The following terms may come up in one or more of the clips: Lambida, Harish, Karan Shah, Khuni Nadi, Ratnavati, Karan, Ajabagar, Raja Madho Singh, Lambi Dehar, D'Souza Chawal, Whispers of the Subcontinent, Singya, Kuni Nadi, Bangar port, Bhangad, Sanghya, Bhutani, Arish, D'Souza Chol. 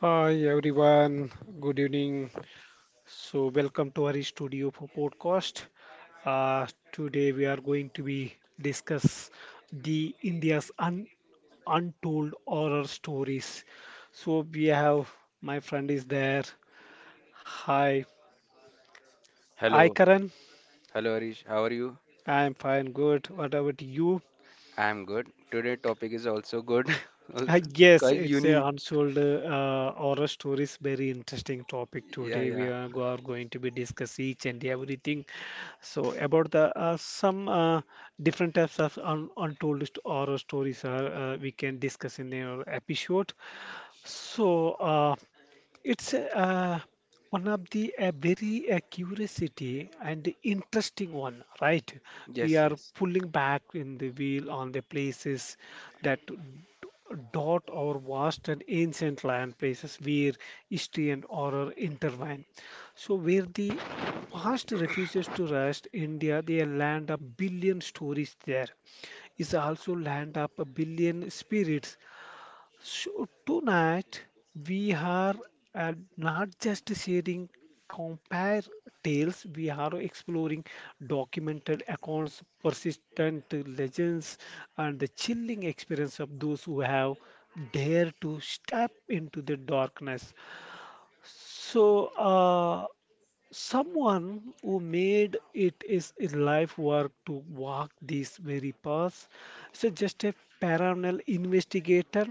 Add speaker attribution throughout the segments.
Speaker 1: Hi everyone, good evening. So welcome to our studio for podcast. Uh, today we are going to be discuss the India's un untold horror stories. So we have my friend is there. Hi, I
Speaker 2: Hello,
Speaker 1: Karan.
Speaker 2: hello Arish, how are you?
Speaker 1: I am fine, good. What about you?
Speaker 2: I'm good. Today topic is also good,
Speaker 1: I
Speaker 2: also
Speaker 1: guess
Speaker 2: quite
Speaker 1: it's a
Speaker 2: unique.
Speaker 1: unsold horror stories, very interesting topic
Speaker 2: Yeah,
Speaker 1: today.
Speaker 2: yeah.
Speaker 1: Are going to be discuss each and everything. So about the some different types of un untold horror stories are we can discuss in our episode. So. It's One of the a very curiosity and interesting one, right? We
Speaker 2: Yes,
Speaker 1: are
Speaker 2: yes.
Speaker 1: pulling back in the wheel on the places that d- dot our vast and ancient land, places where history and horror intertwine. So where the past refuses to rest, India, the land of billion stories there is also land of a billion spirits, so tonight we are not just sharing compare tales, we are exploring documented accounts, persistent legends, and the chilling experience of those who have dared to step into the darkness. So, uh, Someone who made it is a life work to walk these very paths. So, just a paranormal investigator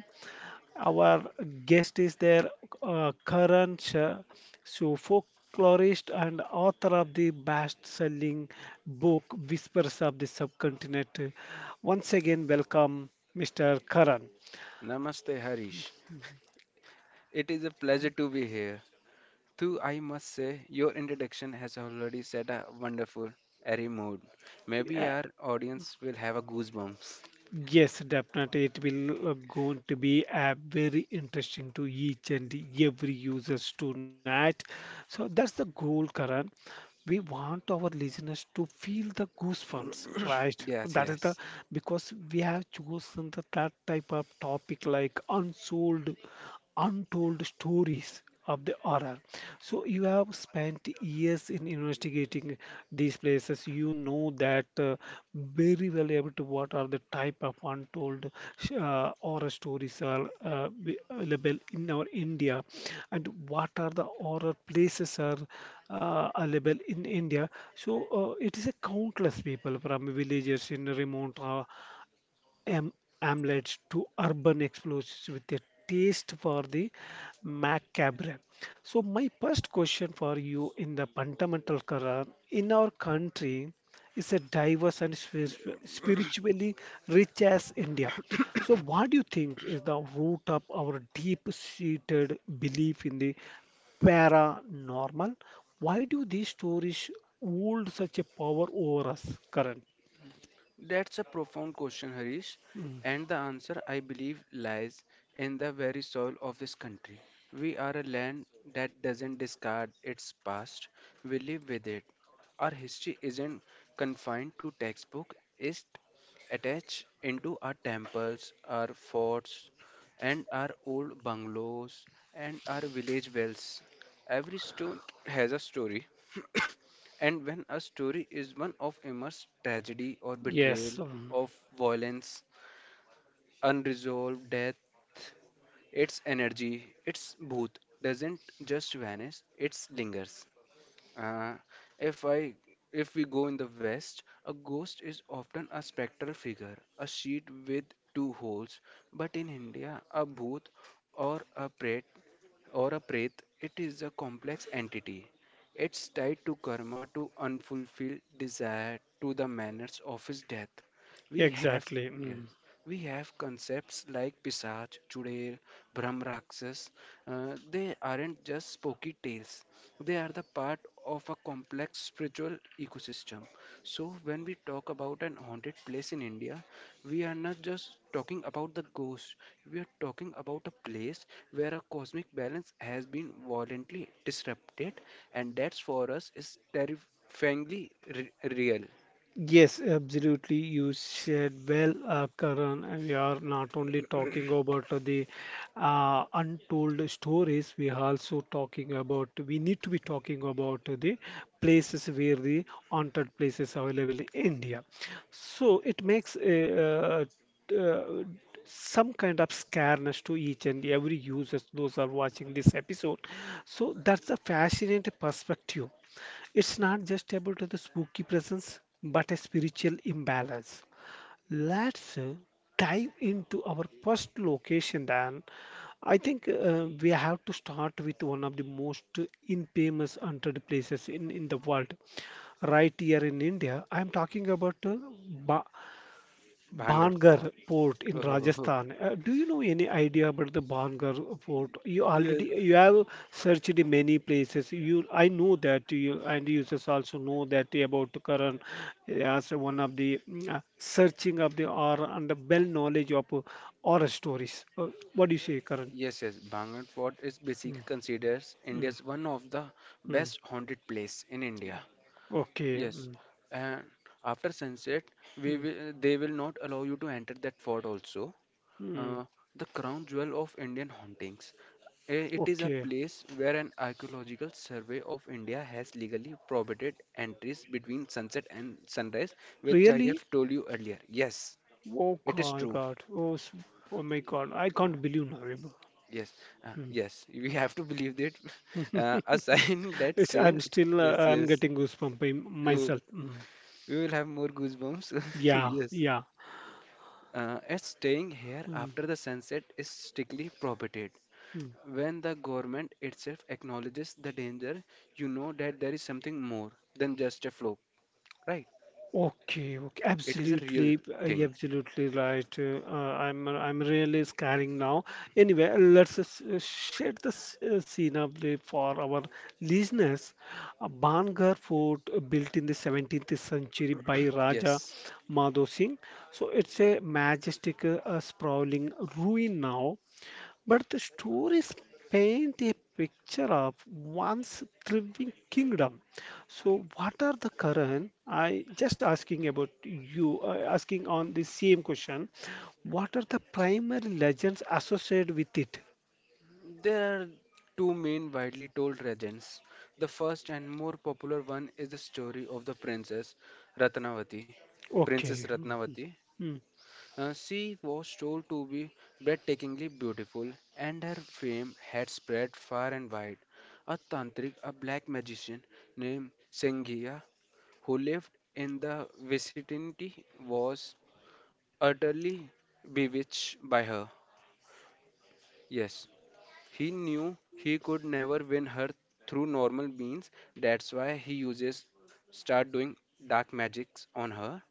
Speaker 1: our guest is there, Karan Shah, so folklorist and author of the best-selling book Whispers of the Subcontinent. Once again, welcome, Mr. Karan.
Speaker 2: Namaste Harish. It is a pleasure to be here. Too, I must say, your introduction has already set a wonderful airy mood. Maybe our audience will have a goosebumps.
Speaker 1: Yes, definitely. It will going to be very interesting to each and every users tonight. So that's the goal, Karan. We want our listeners to feel the goosebumps, right?
Speaker 2: Yes,
Speaker 1: That is the
Speaker 2: yes.
Speaker 1: because we have chosen the, that type of topic like unsold, untold stories of the horror. So you have spent years in investigating these places. You know that very well able to what are the type of untold horror stories are available in our India and what are the horror places are available in India. So it is a countless people from villages in remote am- amulets to urban explosives with a taste for the macabre. So, my first question for you in the fundamental Quran in our country is a diverse and spiritually rich as India. So, what do you think is the root of our deep seated belief in the paranormal? Why do these stories hold such a power over us current?
Speaker 2: That's a profound question, Harish.
Speaker 1: Mm.
Speaker 2: And the answer, I believe, lies in the very soil of this country. We are a land that doesn't discard its past, we live with it. Our history isn't confined to textbook, it's attached into our temples, our forts, and our old bungalows and our village wells. Every stone has a story. And when a story is one of immense tragedy or betrayal,
Speaker 1: Yes. Mm.
Speaker 2: of violence, unresolved death, its energy, its booth doesn't just vanish, it lingers. Uh, if I if we go in the West, a ghost is often a spectral figure, a sheet with two holes. But in India, a booth or a prate or a Pret, it is a complex entity. It's tied to karma, to unfulfilled desire, to the manners of his death. We have
Speaker 1: Exactly.
Speaker 2: yes,
Speaker 1: Mm.
Speaker 2: we have concepts like Pisach, Chudail, Brahmraksas. They aren't just spooky tales. They are the part of a complex spiritual ecosystem. So when we talk about an haunted place in India, we are not just talking about the ghost. We are talking about a place where a cosmic balance has been violently disrupted, and that's for us is terrifyingly real.
Speaker 1: Yes, absolutely. You said well, Karan. And We are not only talking about the untold stories, we are also talking about, we need to be talking about the places where the haunted places are available in India. So it makes uh, uh, some kind of scareness to each and every users those are watching this episode, so that's a fascinating perspective. It's not just about the spooky presence, but a spiritual imbalance. Let's dive into our first location then. I think we have to start with one of the most infamous haunted places in the world. Right here in India, I'm talking about Ba
Speaker 2: Banger for.
Speaker 1: Bangar port in Rajasthan. Do you know any idea about the Bangar port? You
Speaker 2: Yes.
Speaker 1: already you have searched in many places. You I know that you and users also know that about Karan as one of the searching of the or and the well knowledge of horror stories. What do you say, Karan?
Speaker 2: Yes, yes. Bhangat Fort is basically
Speaker 1: Mm,
Speaker 2: considered
Speaker 1: mm,
Speaker 2: India's one of the
Speaker 1: mm.
Speaker 2: best haunted place in India.
Speaker 1: Okay.
Speaker 2: Yes.
Speaker 1: Mm,
Speaker 2: And after sunset,
Speaker 1: mm,
Speaker 2: they will not allow you to enter that fort also.
Speaker 1: mm.
Speaker 2: Uh, the crown jewel of Indian hauntings. It is a
Speaker 1: Okay.
Speaker 2: place where an archaeological survey of India has legally prohibited entries between sunset and sunrise, which I
Speaker 1: Really?
Speaker 2: have told you earlier. Yes,
Speaker 1: Oh
Speaker 2: it is
Speaker 1: my
Speaker 2: true.
Speaker 1: God. Oh my God. I can't believe
Speaker 2: Yes, uh,
Speaker 1: now.
Speaker 2: yes, we have to believe that. A sign that
Speaker 1: It's, I'm
Speaker 2: says,
Speaker 1: still
Speaker 2: yes,
Speaker 1: I'm
Speaker 2: yes,
Speaker 1: getting goosebumps by
Speaker 2: oh,
Speaker 1: myself. Mm.
Speaker 2: we will have more goosebumps.
Speaker 1: Yeah,
Speaker 2: Yes,
Speaker 1: yeah.
Speaker 2: as staying here
Speaker 1: Mm,
Speaker 2: after the sunset is strictly prohibited.
Speaker 1: mm.
Speaker 2: When the government itself acknowledges the danger, you know that there is something more than just a fluke, right?
Speaker 1: Okay, okay,
Speaker 2: It is a real
Speaker 1: absolutely, you're
Speaker 2: thing.
Speaker 1: absolutely right. I'm really scaring now. Anyway, share the scene of the for our listeners. A Bangar fort built in the 17th century by Raja
Speaker 2: Yes.
Speaker 1: Madho Singh. So it's a majestic, sprawling ruin now, but the stories paint a picture of once thriving kingdom. So, what are the current? I just asking about you, asking on the same question. What are the primary legends associated with it?
Speaker 2: There are two main widely told legends. The first and more popular one is the story of the princess Ratnavati. Princess
Speaker 1: Okay. Mhm.
Speaker 2: Ratnavati.
Speaker 1: Mm.
Speaker 2: She was told to be breathtakingly beautiful, and her fame had spread far and wide. A tantric, a black magician named Sanghya, who lived in the vicinity, was utterly bewitched by her. Yes, he knew he could never win her through normal means, that's why he uses start doing dark magics on her.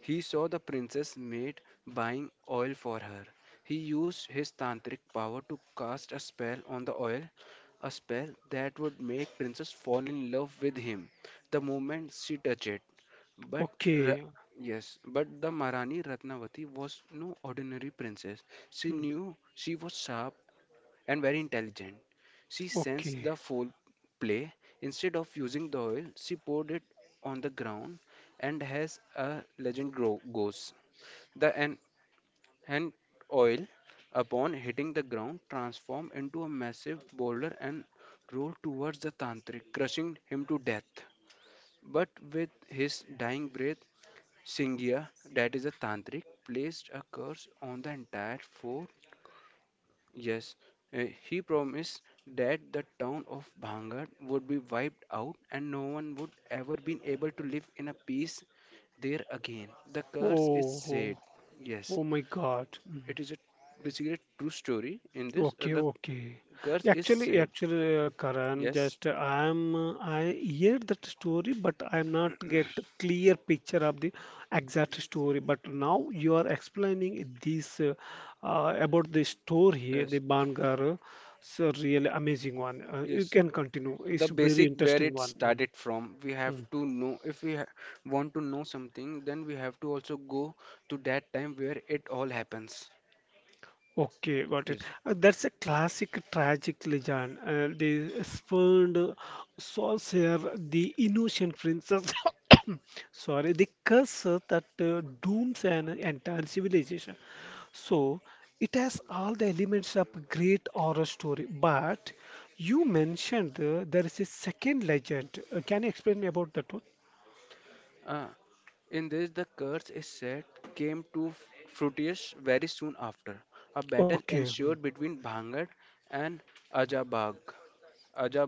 Speaker 2: He saw the princess maid buying oil for her. He used his tantric power to cast a spell on the oil, a spell that would make princess fall in love with him the moment she touched it. But Ra-
Speaker 1: Okay.
Speaker 2: yes, but the Maharani Ratnavati was no ordinary princess. She
Speaker 1: Mm.
Speaker 2: knew she was sharp, and very intelligent. She sensed
Speaker 1: Okay.
Speaker 2: the foul play. Instead of using the oil, she poured it on the ground and as a legend goes. The an- and oil, upon hitting the ground, transformed into a massive boulder and rolled towards the tantric, crushing him to death. But with his dying breath, Singya, that is a tantric, placed a curse on the entire four. Yes, he promised that the town of Bhangar would be wiped out and no one would ever be able to live in a peace there again. The curse is
Speaker 1: Oh,
Speaker 2: said.
Speaker 1: oh,
Speaker 2: Yes,
Speaker 1: oh my God. Mm.
Speaker 2: it is a basically a true story in this.
Speaker 1: Okay,
Speaker 2: The
Speaker 1: okay.
Speaker 2: curse is said.
Speaker 1: Karan,
Speaker 2: Yes,
Speaker 1: just I hear that story, but I'm not get clear picture of the exact story. But now you are explaining this about the store here, the
Speaker 2: yes,
Speaker 1: Bangar. So really amazing one. You
Speaker 2: yes.
Speaker 1: can continue.
Speaker 2: The
Speaker 1: It's very
Speaker 2: basic where
Speaker 1: interesting
Speaker 2: it
Speaker 1: one.
Speaker 2: started from, we
Speaker 1: Mm,
Speaker 2: have
Speaker 1: mm.
Speaker 2: to know. If we ha want to know something, then we have to also go to that time where it all happens.
Speaker 1: Okay, got it.
Speaker 2: Yes.
Speaker 1: That's a classic tragic legend. They spurned Sorcerer, the innocent princess. Sorry, the curse that dooms an entire civilization. So it has all the elements of a great horror story. But you mentioned there is a second legend. Can you explain me about that one?
Speaker 2: Uh, in this, the curse is said came to Fruitius very soon after. A battle
Speaker 1: Okay, hmm,
Speaker 2: ensued between Bhangad and Ajabag,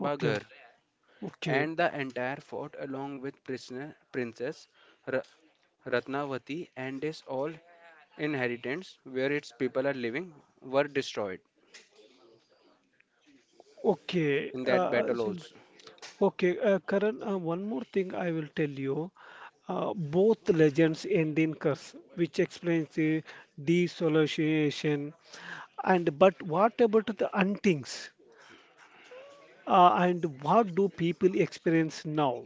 Speaker 1: okay, okay,
Speaker 2: and the entire fort, along with prisoner, Princess Ra- Ratnavati and his all inheritance, where its people are living, were destroyed
Speaker 1: okay.
Speaker 2: in that battle also.
Speaker 1: Okay, Karan, one more thing I will tell you. Both legends end in curse, which explains the dissociation. And but what about the hauntings? And what do people experience now?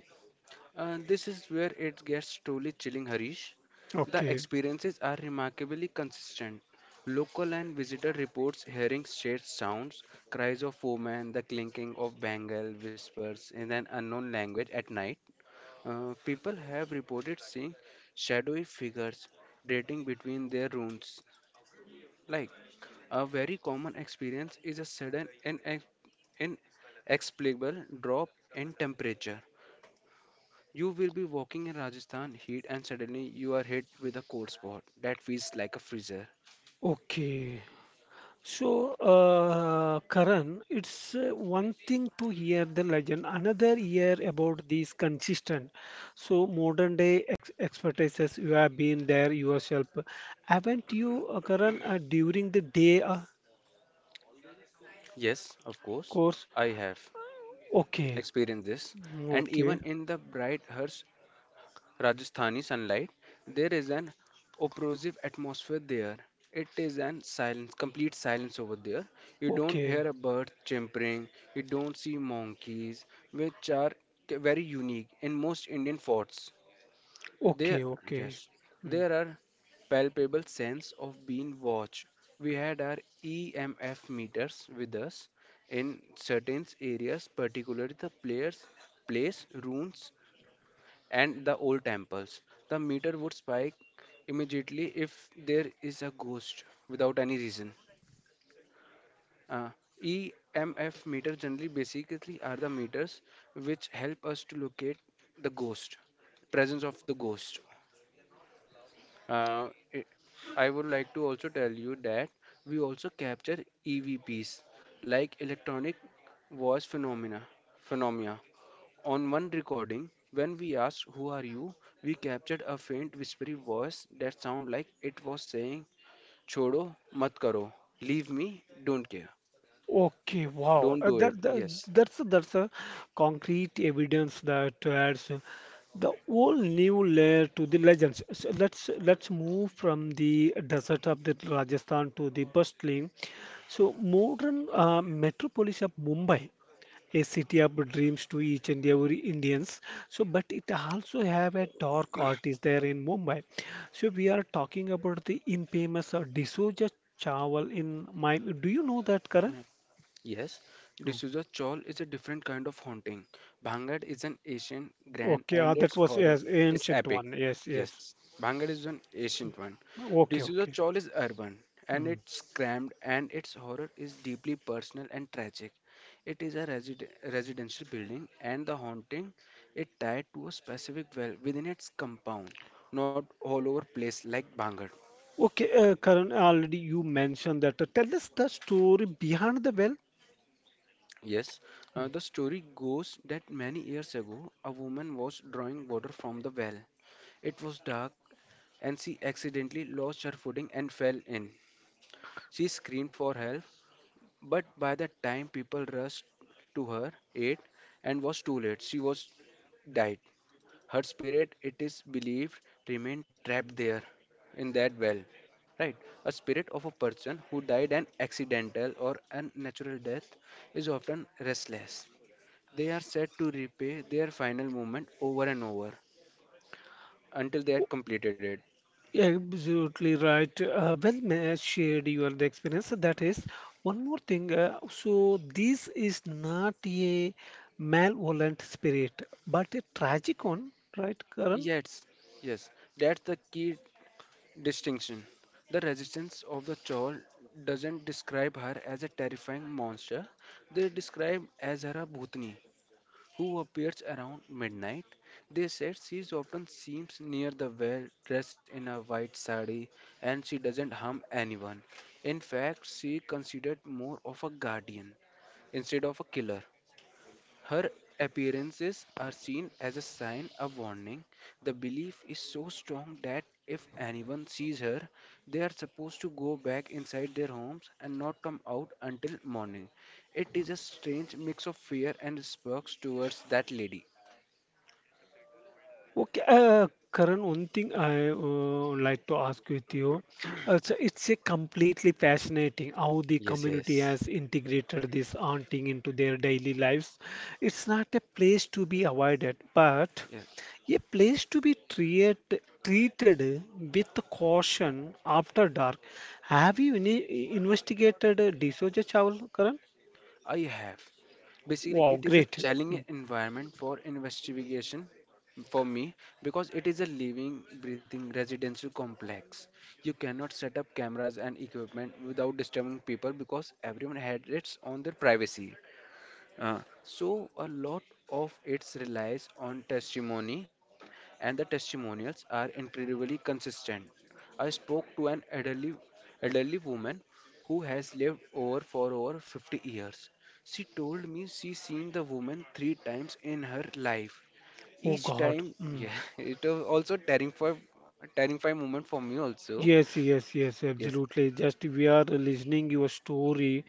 Speaker 2: This is where it gets truly chilling, Harish. The
Speaker 1: Okay,
Speaker 2: experiences are remarkably consistent. Local and visitor reports hearing strange sounds, cries of women, the clinking of bangle, whispers in an unknown language at night. People have reported seeing shadowy figures dating between their rooms. Like a very common experience is a sudden and inexplicable drop in temperature. You will be walking in Rajasthan heat and suddenly you are hit with a cold spot that feels like a freezer.
Speaker 1: okay. So, Karan, it's one thing to hear the legend, another year about these consistent. So, modern day ex expertises, you have been there yourself. Haven't you, Karan, during the day
Speaker 2: Yes, of course,
Speaker 1: course?
Speaker 2: I have
Speaker 1: Okay,
Speaker 2: experienced this.
Speaker 1: mm,
Speaker 2: And even
Speaker 1: okay,
Speaker 2: in the bright harsh Rajasthani sunlight, there is an oppressive atmosphere there. It is an silence, complete silence over there. You don't
Speaker 1: okay,
Speaker 2: hear a bird chirping, you don't see monkeys, which are very unique in most Indian forts. There,
Speaker 1: okay, okay.
Speaker 2: yes,
Speaker 1: Hmm.
Speaker 2: there are palpable sense of being watched. We had our EMF meters with us in certain areas, particularly the players, place, ruins, and the old temples. The meter would spike immediately if there is a ghost without any reason. Uh, EMF meter generally basically are the meters which help us to locate the ghost, presence of the ghost. Uh, it- I would like to also tell you that we also capture EVPs like electronic voice phenomena phenomena. On one recording, when we asked who are you, we captured a faint whispery voice that sounded like it was saying, Chodo, mat karo, leave me, don't care,
Speaker 1: Okay, wow.
Speaker 2: don't do it. Yes.
Speaker 1: That's a concrete evidence that adds the whole new layer to the legends. So let's move from the desert of the Rajasthan to the bustling, so modern metropolis of Mumbai, a city of dreams to each and every Indians. So, but it also have a dark artist there in Mumbai. So we are talking about the infamous D'Souza Chawal in my. Do you know that, Karan?
Speaker 2: Yes, D'Souza Chol is a different kind of haunting. Bhangad is an ancient grand
Speaker 1: Okay,
Speaker 2: and
Speaker 1: that
Speaker 2: its
Speaker 1: was
Speaker 2: horror
Speaker 1: yes,
Speaker 2: is
Speaker 1: ancient
Speaker 2: epic.
Speaker 1: one. Yes, yes.
Speaker 2: Yes, Bhangad is an ancient one.
Speaker 1: Okay,
Speaker 2: D'Souza
Speaker 1: okay.
Speaker 2: Chol is urban and
Speaker 1: Mm.
Speaker 2: it's crammed and its horror is deeply personal and tragic. It is a residential building and the haunting is tied to a specific well within its compound, not all over place like Bhangad.
Speaker 1: Okay, Karan, already you mentioned that. Tell us the story behind the well.
Speaker 2: Yes, the story goes that many years ago, a woman was drawing water from the well. It was dark, and she accidentally lost her footing and fell in. She screamed for help, but by the time people rushed to her aid and was too late, she was died. Her spirit, it is believed, remained trapped there in that well. Right. A spirit of a person who died an accidental or unnatural death is often restless. They are set to replay their final movement over and over until they
Speaker 1: Oh,
Speaker 2: had completed it.
Speaker 1: absolutely right. Well, may I shared your the experience. That is one more thing. So this is not a malevolent spirit, but a tragic one, right, Karan?
Speaker 2: Yes, yes, that's the key distinction. The resistance of the Chol doesn't describe her as a terrifying monster, they describe as her a Bhutani who appears around midnight. They said she is often seen near the well, dressed in a white sari, and she doesn't harm anyone. In fact, she considered more of a guardian instead of a killer. Her appearances are seen as a sign of warning. The belief is so strong that if anyone sees her, they are supposed to go back inside their homes and not come out until morning. It is a strange mix of fear and respect towards that lady.
Speaker 1: Okay, Karan, one thing I would like to ask with you. So it's a completely fascinating how the
Speaker 2: Yes,
Speaker 1: community
Speaker 2: yes.
Speaker 1: has integrated this haunting into their daily lives. It's not a place to be avoided, but
Speaker 2: Yes,
Speaker 1: a place to be treated with caution after dark. Have you ini investigated D'Souza Chawla, Karan?
Speaker 2: I have. Basically,
Speaker 1: Wow,
Speaker 2: it is a
Speaker 1: great.
Speaker 2: challenging
Speaker 1: Mm.
Speaker 2: environment for investigation for me because it is a living, breathing residential complex. You cannot set up cameras and equipment without disturbing people because everyone had its on their privacy. So a lot of it relies on testimony, and the testimonials are incredibly consistent. I spoke to an elderly woman who has lived over for over 50 years. She told me she seen the woman three times in her life.
Speaker 1: Oh
Speaker 2: Each
Speaker 1: God.
Speaker 2: time,
Speaker 1: Mm.
Speaker 2: yeah, it was also terrifying moment for me also.
Speaker 1: Yes, yes, yes,
Speaker 2: Yes,
Speaker 1: absolutely. Just we are listening your story.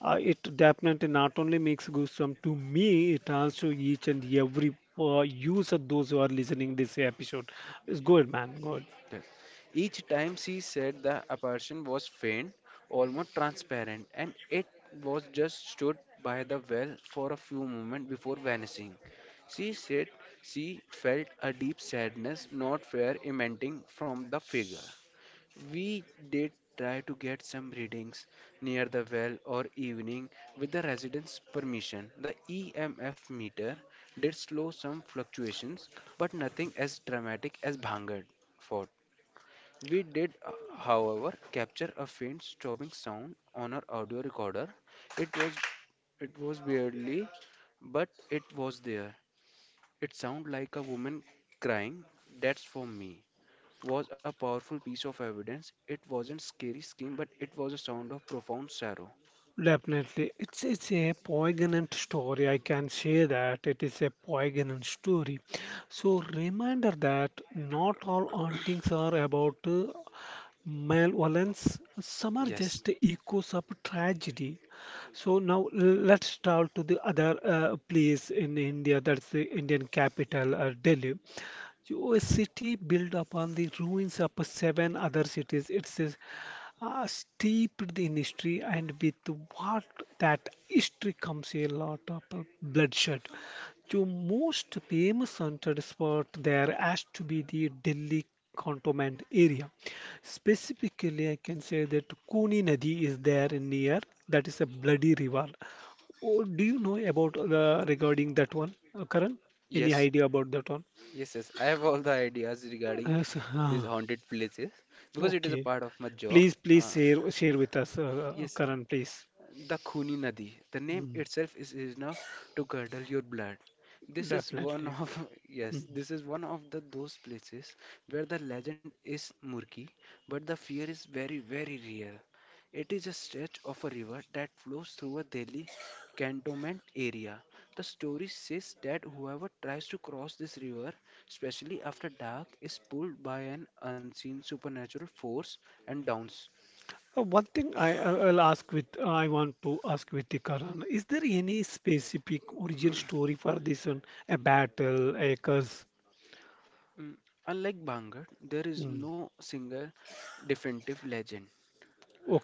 Speaker 1: It definitely not only makes goosebumps to me, it also each and every use of those who are listening this episode. It's good, man. Good.
Speaker 2: yes. Each time she said the apparition was faint, almost transparent, and it was just stood by the well for a few moments before vanishing. She said she felt a deep sadness, not fear, emanating from the figure. We did try to get some readings near the well or evening with the residents' permission. The EMF meter did slow some fluctuations, but nothing as dramatic as Bhangad. Fort. We did, however, capture a faint stopping sound on our audio recorder. It was it was barely, but it was there. It sounded like a woman crying. That's for me. Was a powerful piece of evidence. It wasn't scary scream, but it was a sound of profound sorrow.
Speaker 1: Definitely. It's a poignant story. I can say that it is a poignant story. So reminder that not all hauntings are about malevolence. Some are
Speaker 2: Yes,
Speaker 1: just echoes of tragedy. So now let's travel to the other place in India, that's the Indian capital, Delhi. So a city built upon the ruins of seven other cities. It's a, steeped in history, and with what that history comes a lot of bloodshed. So most famous haunted spot there has to be the Delhi cantonment area. Specifically, I can say that Kuni Nadi is there near. That is a bloody river. Oh, do you know about the regarding that one, Karan? Any
Speaker 2: yes,
Speaker 1: idea about that one?
Speaker 2: yes, yes. I have all the ideas regarding
Speaker 1: Yes,
Speaker 2: these
Speaker 1: ah,
Speaker 2: haunted places because it is a
Speaker 1: okay.
Speaker 2: part of my job.
Speaker 1: Please, please
Speaker 2: Uh,
Speaker 1: share with us,
Speaker 2: yes,
Speaker 1: Karan, please.
Speaker 2: the Khuni Nadi. The name
Speaker 1: Mm,
Speaker 2: itself is enough to curdle your blood. This is one
Speaker 1: definitely.
Speaker 2: of
Speaker 1: Mm.
Speaker 2: yes, this is one of the those places where the legend is murky, but the fear is very, very real. It is a stretch of a river that flows through a Delhi cantonment area. The story says that whoever tries to cross this river, especially after dark, is pulled by an unseen supernatural force and drowns.
Speaker 1: One thing I'll ask with I want to ask with the Karan, is there any specific origin story for this one? A battle, a curse?
Speaker 2: Mm, Unlike Bhangat, there is
Speaker 1: Mm,
Speaker 2: no single definitive legend.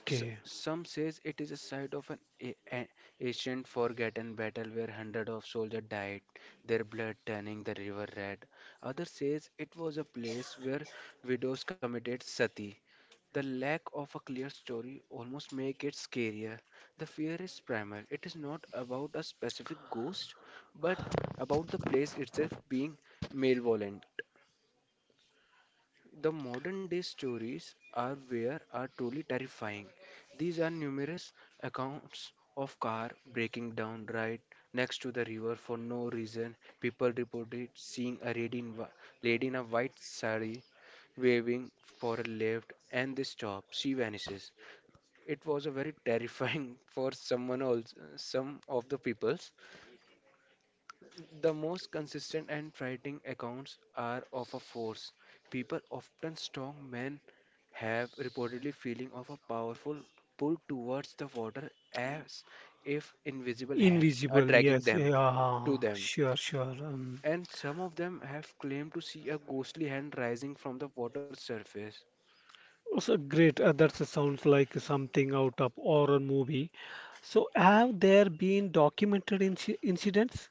Speaker 2: S- some says it is a site of an a- a- ancient forgotten battle where hundreds of soldiers died, their blood turning the river red. Others says it was a place where widows committed sati. The lack of a clear story almost make it scarier. The fear is primal. It is not about a specific ghost, but about the place itself being malevolent. The modern day stories are where are truly terrifying. These are numerous accounts of car breaking down right next to the river for no reason. People reported seeing a lady in, lady in a white sari waving for a lift and they stop. She vanishes. It was a very terrifying for someone else, some of the peoples. The most consistent and frightening accounts are of a force. People, often strong men, have reportedly feeling of a powerful pull towards the water as if invisible hands are
Speaker 1: Invisible,
Speaker 2: dragging
Speaker 1: yes.
Speaker 2: them
Speaker 1: Yeah,
Speaker 2: to them.
Speaker 1: sure, sure.
Speaker 2: And some of them have claimed to see a ghostly hand rising from the water surface.
Speaker 1: Also great. That sounds like something out of horror movie. So have there been documented incidents?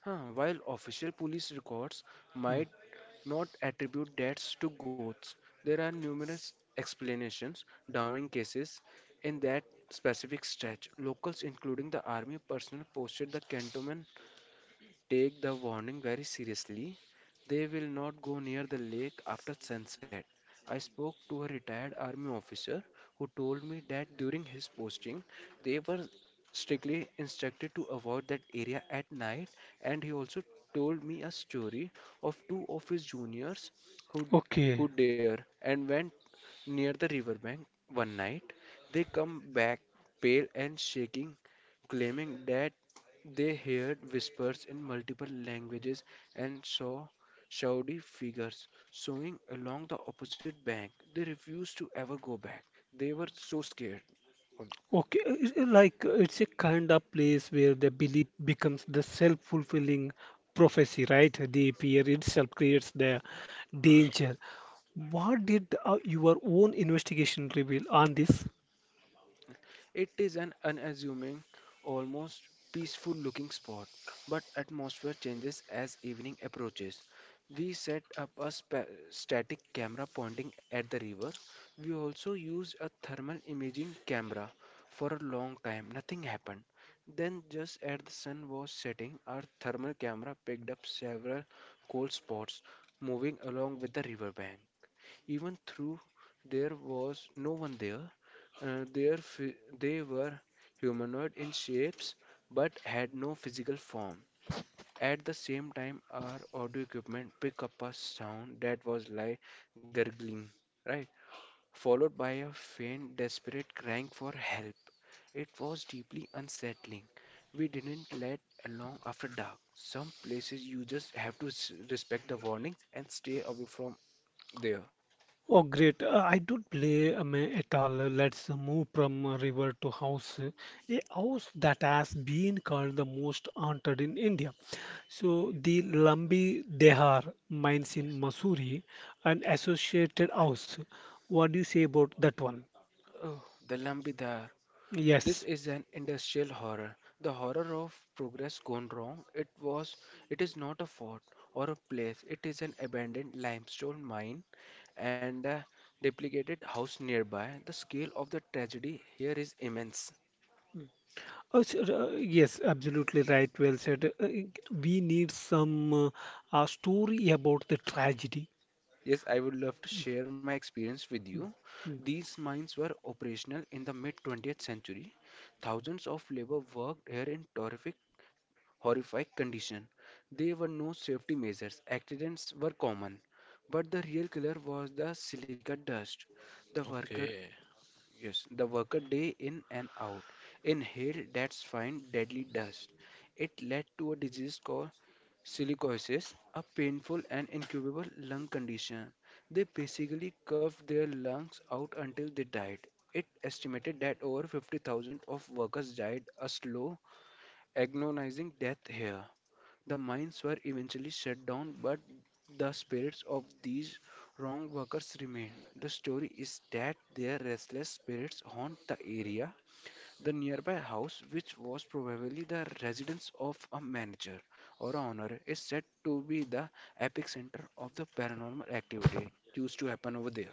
Speaker 2: Huh, while official police records
Speaker 1: Hmm.
Speaker 2: might not attribute deaths to goats, there are numerous explanations downing cases in that specific stretch. Locals, including the army personnel, posted the cantonment take the warning very seriously. They will not go near the lake after sunset. I spoke to a retired army officer who told me that during his posting, they were strictly instructed to avoid that area at night, and he also told me a story of two of his juniors who
Speaker 1: Okay,
Speaker 2: who dare and went near the riverbank one night. They come back pale and shaking, claiming that they heard whispers in multiple languages and saw shawdy figures swinging along the opposite bank. They refused to ever go back. They were so scared.
Speaker 1: okay. It's a- like it's a kind of place where the belief becomes the self-fulfilling prophecy, right? The fear itself creates the danger. What did your own investigation reveal on this?
Speaker 2: It is an unassuming, almost peaceful looking spot, but atmosphere changes as evening approaches. We set up a static camera pointing at the river. We also used a thermal imaging camera for a long time. Nothing happened. Then, just as the sun was setting, our thermal camera picked up several cold spots moving along with the riverbank. Even though there was no one there, they were humanoid in shapes but had no physical form. At the same time, our audio equipment picked up a sound that was like gurgling, right? Followed by a faint, desperate crying for help. It was deeply unsettling. We didn't let along after dark. Some places you just have to respect the warnings and stay away from there.
Speaker 1: Oh, great. I don't play at all. Let's move from river to house. A house that has been called the most haunted in India. So, the Lambi Dehar mines in Missouri, an associated house. What do you say about that one?
Speaker 2: Oh, the Lambida. This
Speaker 1: Yes.
Speaker 2: is an industrial horror, the horror of progress gone wrong. It is not a fort or a place. It is an abandoned limestone mine and a duplicated house nearby. The scale of the tragedy here is immense.
Speaker 1: Oh, sure, yes, absolutely right. Well said. We need some story about the tragedy.
Speaker 2: Yes, I would love to share my experience with you.
Speaker 1: Hmm.
Speaker 2: These mines were operational in the mid 20th century. Thousands of labor worked here in terrific horrific condition. There were no safety measures, accidents were common. But the real killer was the silica dust. The worker,
Speaker 3: Okay.
Speaker 2: yes, the worker day in and out inhaled that fine deadly dust. It led to a disease called silicosis, a painful and incurable lung condition. They basically cuffed their lungs out until they died. It estimated that over 50,000 of workers died a slow, agonizing death here. The mines were eventually shut down, but the spirits of these wrong workers remain. The story is that their restless spirits haunt the area. The nearby house, which was probably the residence of a manager or owner, is said to be the epicenter of the paranormal activity used to happen over there.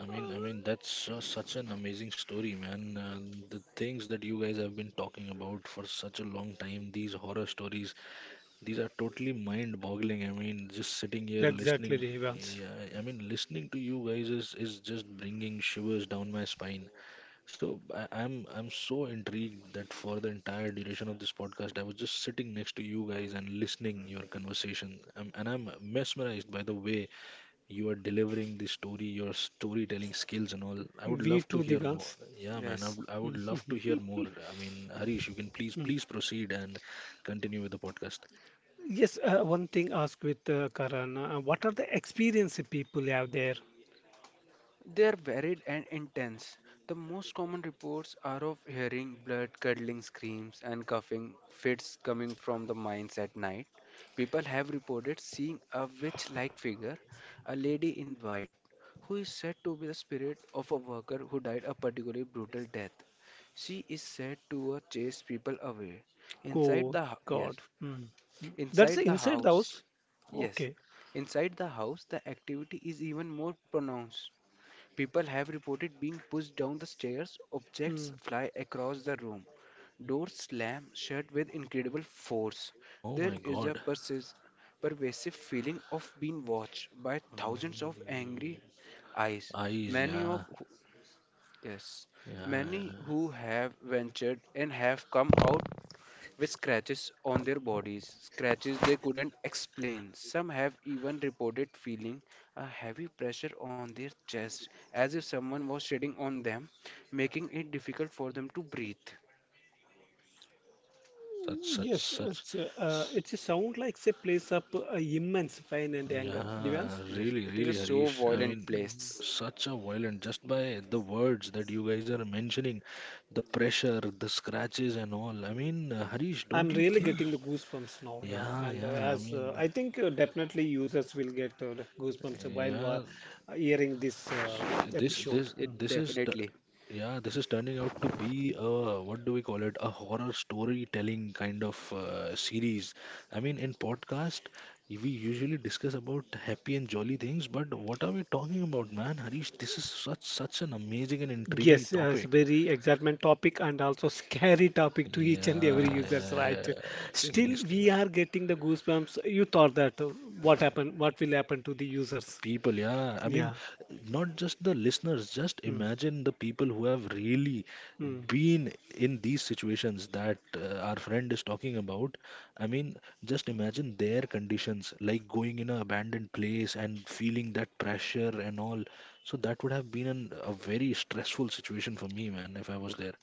Speaker 3: I mean, that's such an amazing story, man. And the things that you guys have been talking about for such a long time, these horror stories, these are totally mind-boggling. I mean, just sitting here
Speaker 1: Exactly,
Speaker 3: listening,
Speaker 1: Devans.
Speaker 3: yeah, I mean, listening to you guys is just bringing shivers down my spine. So I'm so intrigued that for the entire duration of this podcast, I was just sitting next to you guys and listening your conversation. And I'm mesmerized by the way you are delivering the story, your storytelling skills and all. I would
Speaker 1: We
Speaker 3: love to
Speaker 1: too,
Speaker 3: hear more.
Speaker 1: Devans.
Speaker 3: Yeah, man, I
Speaker 2: Yes.
Speaker 3: would, I would love to hear more. I mean, Harish, you can please proceed and continue with the podcast.
Speaker 1: Yes, one thing ask with Karan, what are the experience people have there?
Speaker 2: They're varied and intense. The most common reports are of hearing blood curdling screams and coughing fits coming from the mines at night. People have reported seeing a witch like figure, a lady in white, who is said to be the spirit of a worker who died a particularly brutal death. She is said to chase people away.
Speaker 1: Oh God,
Speaker 2: Yes,
Speaker 1: mm. Mm. That's
Speaker 2: inside the
Speaker 1: inside the house.
Speaker 2: house,
Speaker 1: Okay.
Speaker 2: yes, inside the house, the activity is even more pronounced. People have reported being pushed down the stairs,
Speaker 1: Mm.
Speaker 2: objects fly across the room, doors slam shut with incredible force.
Speaker 3: Oh
Speaker 2: There
Speaker 3: my
Speaker 2: is a
Speaker 3: God.
Speaker 2: pervasive feeling of being watched by
Speaker 3: Um,
Speaker 2: thousands of angry eyes,
Speaker 3: Eyes,
Speaker 2: many of
Speaker 3: yeah,
Speaker 2: who, yes, many
Speaker 3: yeah.
Speaker 2: who have ventured and have come out with scratches on their bodies, scratches they couldn't explain. Some have even reported feeling a heavy pressure on their chest as if someone was shedding on them, making it difficult for them to breathe.
Speaker 3: Such, such,
Speaker 1: Yes,
Speaker 3: such.
Speaker 1: it's a sound like say plays up immense pain and anger. Divans?
Speaker 3: Yeah,
Speaker 2: Yes,
Speaker 3: really,
Speaker 2: it is a
Speaker 3: really,
Speaker 2: so
Speaker 3: Harish. I
Speaker 2: violent
Speaker 3: mean,
Speaker 2: place.
Speaker 1: Mhm.
Speaker 3: such a violent, just by the words that you guys are mentioning, the pressure, the scratches, and all. I mean, Harish, don't
Speaker 1: I'm
Speaker 3: you
Speaker 1: really
Speaker 3: think?
Speaker 1: getting the goosebumps now, yeah.
Speaker 3: Yeah,
Speaker 1: And
Speaker 3: yeah. I
Speaker 1: as
Speaker 3: mean,
Speaker 1: I think definitely users will get the goosebumps while
Speaker 3: yeah.
Speaker 1: hearing this
Speaker 3: s- This,
Speaker 1: episode.
Speaker 3: this,
Speaker 2: It
Speaker 1: Hmm.
Speaker 3: this is the,
Speaker 2: definitely.
Speaker 3: yeah. This is turning out to be a, what do we call it? A horror storytelling kind of series. I mean, in podcast, we usually discuss about happy and jolly things, but what are we talking about, man? Harish, this is such an amazing and intriguing
Speaker 1: Yes, it's
Speaker 3: topic.
Speaker 1: very excitement topic and also scary
Speaker 3: Yeah,
Speaker 1: topic to each and every
Speaker 3: yeah, yeah.
Speaker 1: users, right?
Speaker 3: Yeah,
Speaker 2: Yes, yes.
Speaker 1: Still,
Speaker 3: seriously,
Speaker 1: we
Speaker 3: man.
Speaker 1: are getting the goosebumps. You thought that what happened, what will happen to the users?
Speaker 3: People, yeah, I mean,
Speaker 1: Yeah.
Speaker 3: not just the listeners, just
Speaker 1: Mm.
Speaker 3: imagine the people who have really
Speaker 1: Mm.
Speaker 3: been in these situations that our friend is talking about. I mean, just imagine their conditions, like going in an abandoned place and feeling that pressure and all. So that would have been a very stressful situation for me, man, if I was there.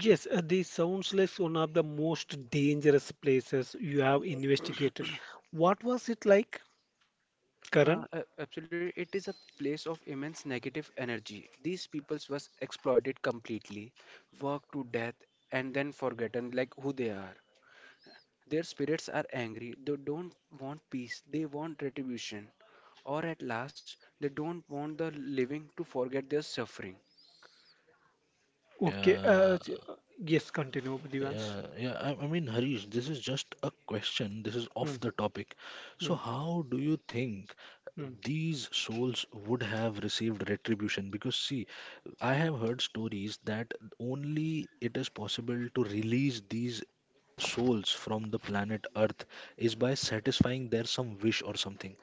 Speaker 1: Yes, this sounds like one of the most dangerous places you have investigated. What was it like, Karan?
Speaker 2: Absolutely, it is a place of immense negative energy. These peoples was exploited completely, worked to death, and then forgotten like who they are. Their spirits are angry. They don't want peace. They want retribution. Or at last, they don't want the living to forget their suffering.
Speaker 1: Okay.
Speaker 3: Yeah.
Speaker 1: Yes, continue, Divans.
Speaker 3: Yeah, yeah. I mean, Harish, this is just a question. This is off
Speaker 1: Mm.
Speaker 3: the topic. So
Speaker 1: Mm.
Speaker 3: how do you think
Speaker 1: Mm.
Speaker 3: these souls would have received retribution? Because, see, I have heard stories that only it is possible to release these souls from the planet Earth is by satisfying their some wish or something.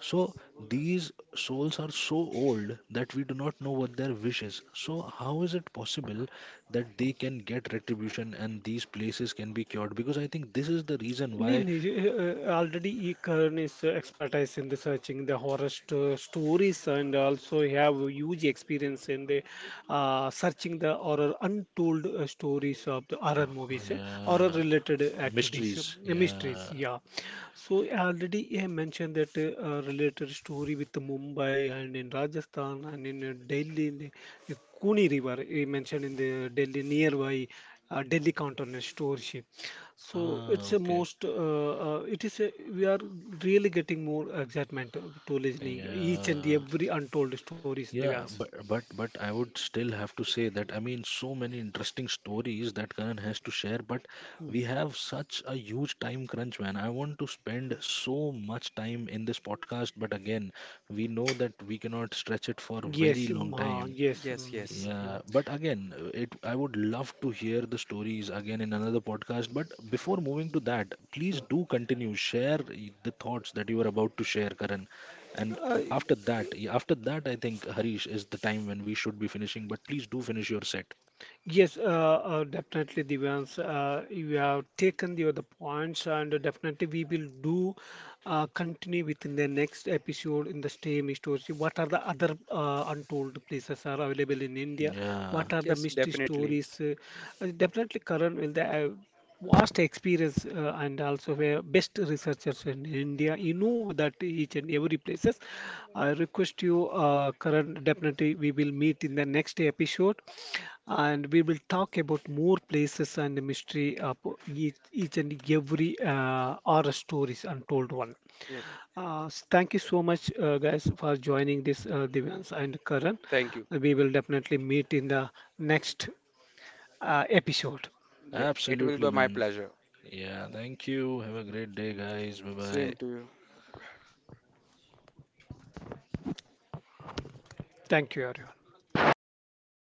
Speaker 3: So these souls are so old that we do not know what their wish is. So how is it possible that they can get retribution and these places can be cured? Because I think this is the reason
Speaker 1: नहीं
Speaker 3: why.
Speaker 1: नहीं already E. Karan is expertise in researching the horror stories and also he have huge experience in the searching the horror untold stories of the
Speaker 3: Yeah,
Speaker 1: horror movies, horror
Speaker 3: yeah.
Speaker 1: related activities,
Speaker 3: Mysteries.
Speaker 1: mysteries.
Speaker 3: Yeah.
Speaker 1: Yeah. So already I mentioned that related story with Mumbai and in Rajasthan and in Delhi, in the Kuni River. He mentioned in the Delhi nearby Delhi cantonment store ship. So
Speaker 3: Ah,
Speaker 1: it's a
Speaker 3: okay.
Speaker 1: most it is a, we are really getting more excitement to listening each and
Speaker 3: Yeah.
Speaker 1: every untold stories, Divyansh.
Speaker 3: Yeah, but I would still have to say that, I mean, so many interesting stories that Karan has to share, but
Speaker 1: Mm.
Speaker 3: we have such a huge time crunch, man. I want to spend so much time in this podcast, but again, we know that we cannot stretch it for a very
Speaker 1: Yes, mm,
Speaker 3: long time.
Speaker 1: yes.
Speaker 2: Yes,
Speaker 1: Mm,
Speaker 2: yes.
Speaker 1: mm,
Speaker 3: Yeah, but again, it I would love to hear the stories again in another podcast. But before moving to that,
Speaker 1: mm.
Speaker 3: please
Speaker 1: Mm.
Speaker 3: do continue, share the thoughts that you were about to share, Karan. And
Speaker 1: Uh,
Speaker 3: after that, yeah, after that, I think, Harish, is the time when we should be finishing. But please do finish your set.
Speaker 1: yes, definitely, Divyans. You have taken the other points, and definitely we will do continue within the next episode in the same stories. What are the other untold places are available in India?
Speaker 3: Yeah,
Speaker 1: What are the
Speaker 2: Yes,
Speaker 1: mystery
Speaker 2: definitely.
Speaker 1: stories? Definitely, Karan will the. Vast experience and also were best researchers in India. You know that each and every places. I request you, Karan, definitely we will meet in the next episode, and we will talk about more places and the mystery of each and every horror stories untold one.
Speaker 2: Yet,
Speaker 1: Thank you so much, guys, for joining this Divyans and Karan.
Speaker 2: thank you.
Speaker 1: We will definitely meet in the next episode.
Speaker 2: Yet, it will
Speaker 3: absolutely,
Speaker 2: be my
Speaker 3: man.
Speaker 2: pleasure.
Speaker 3: Yeah, thank you. Have a great day, guys. Bye bye.
Speaker 2: Same to you.
Speaker 1: Thank you, everyone.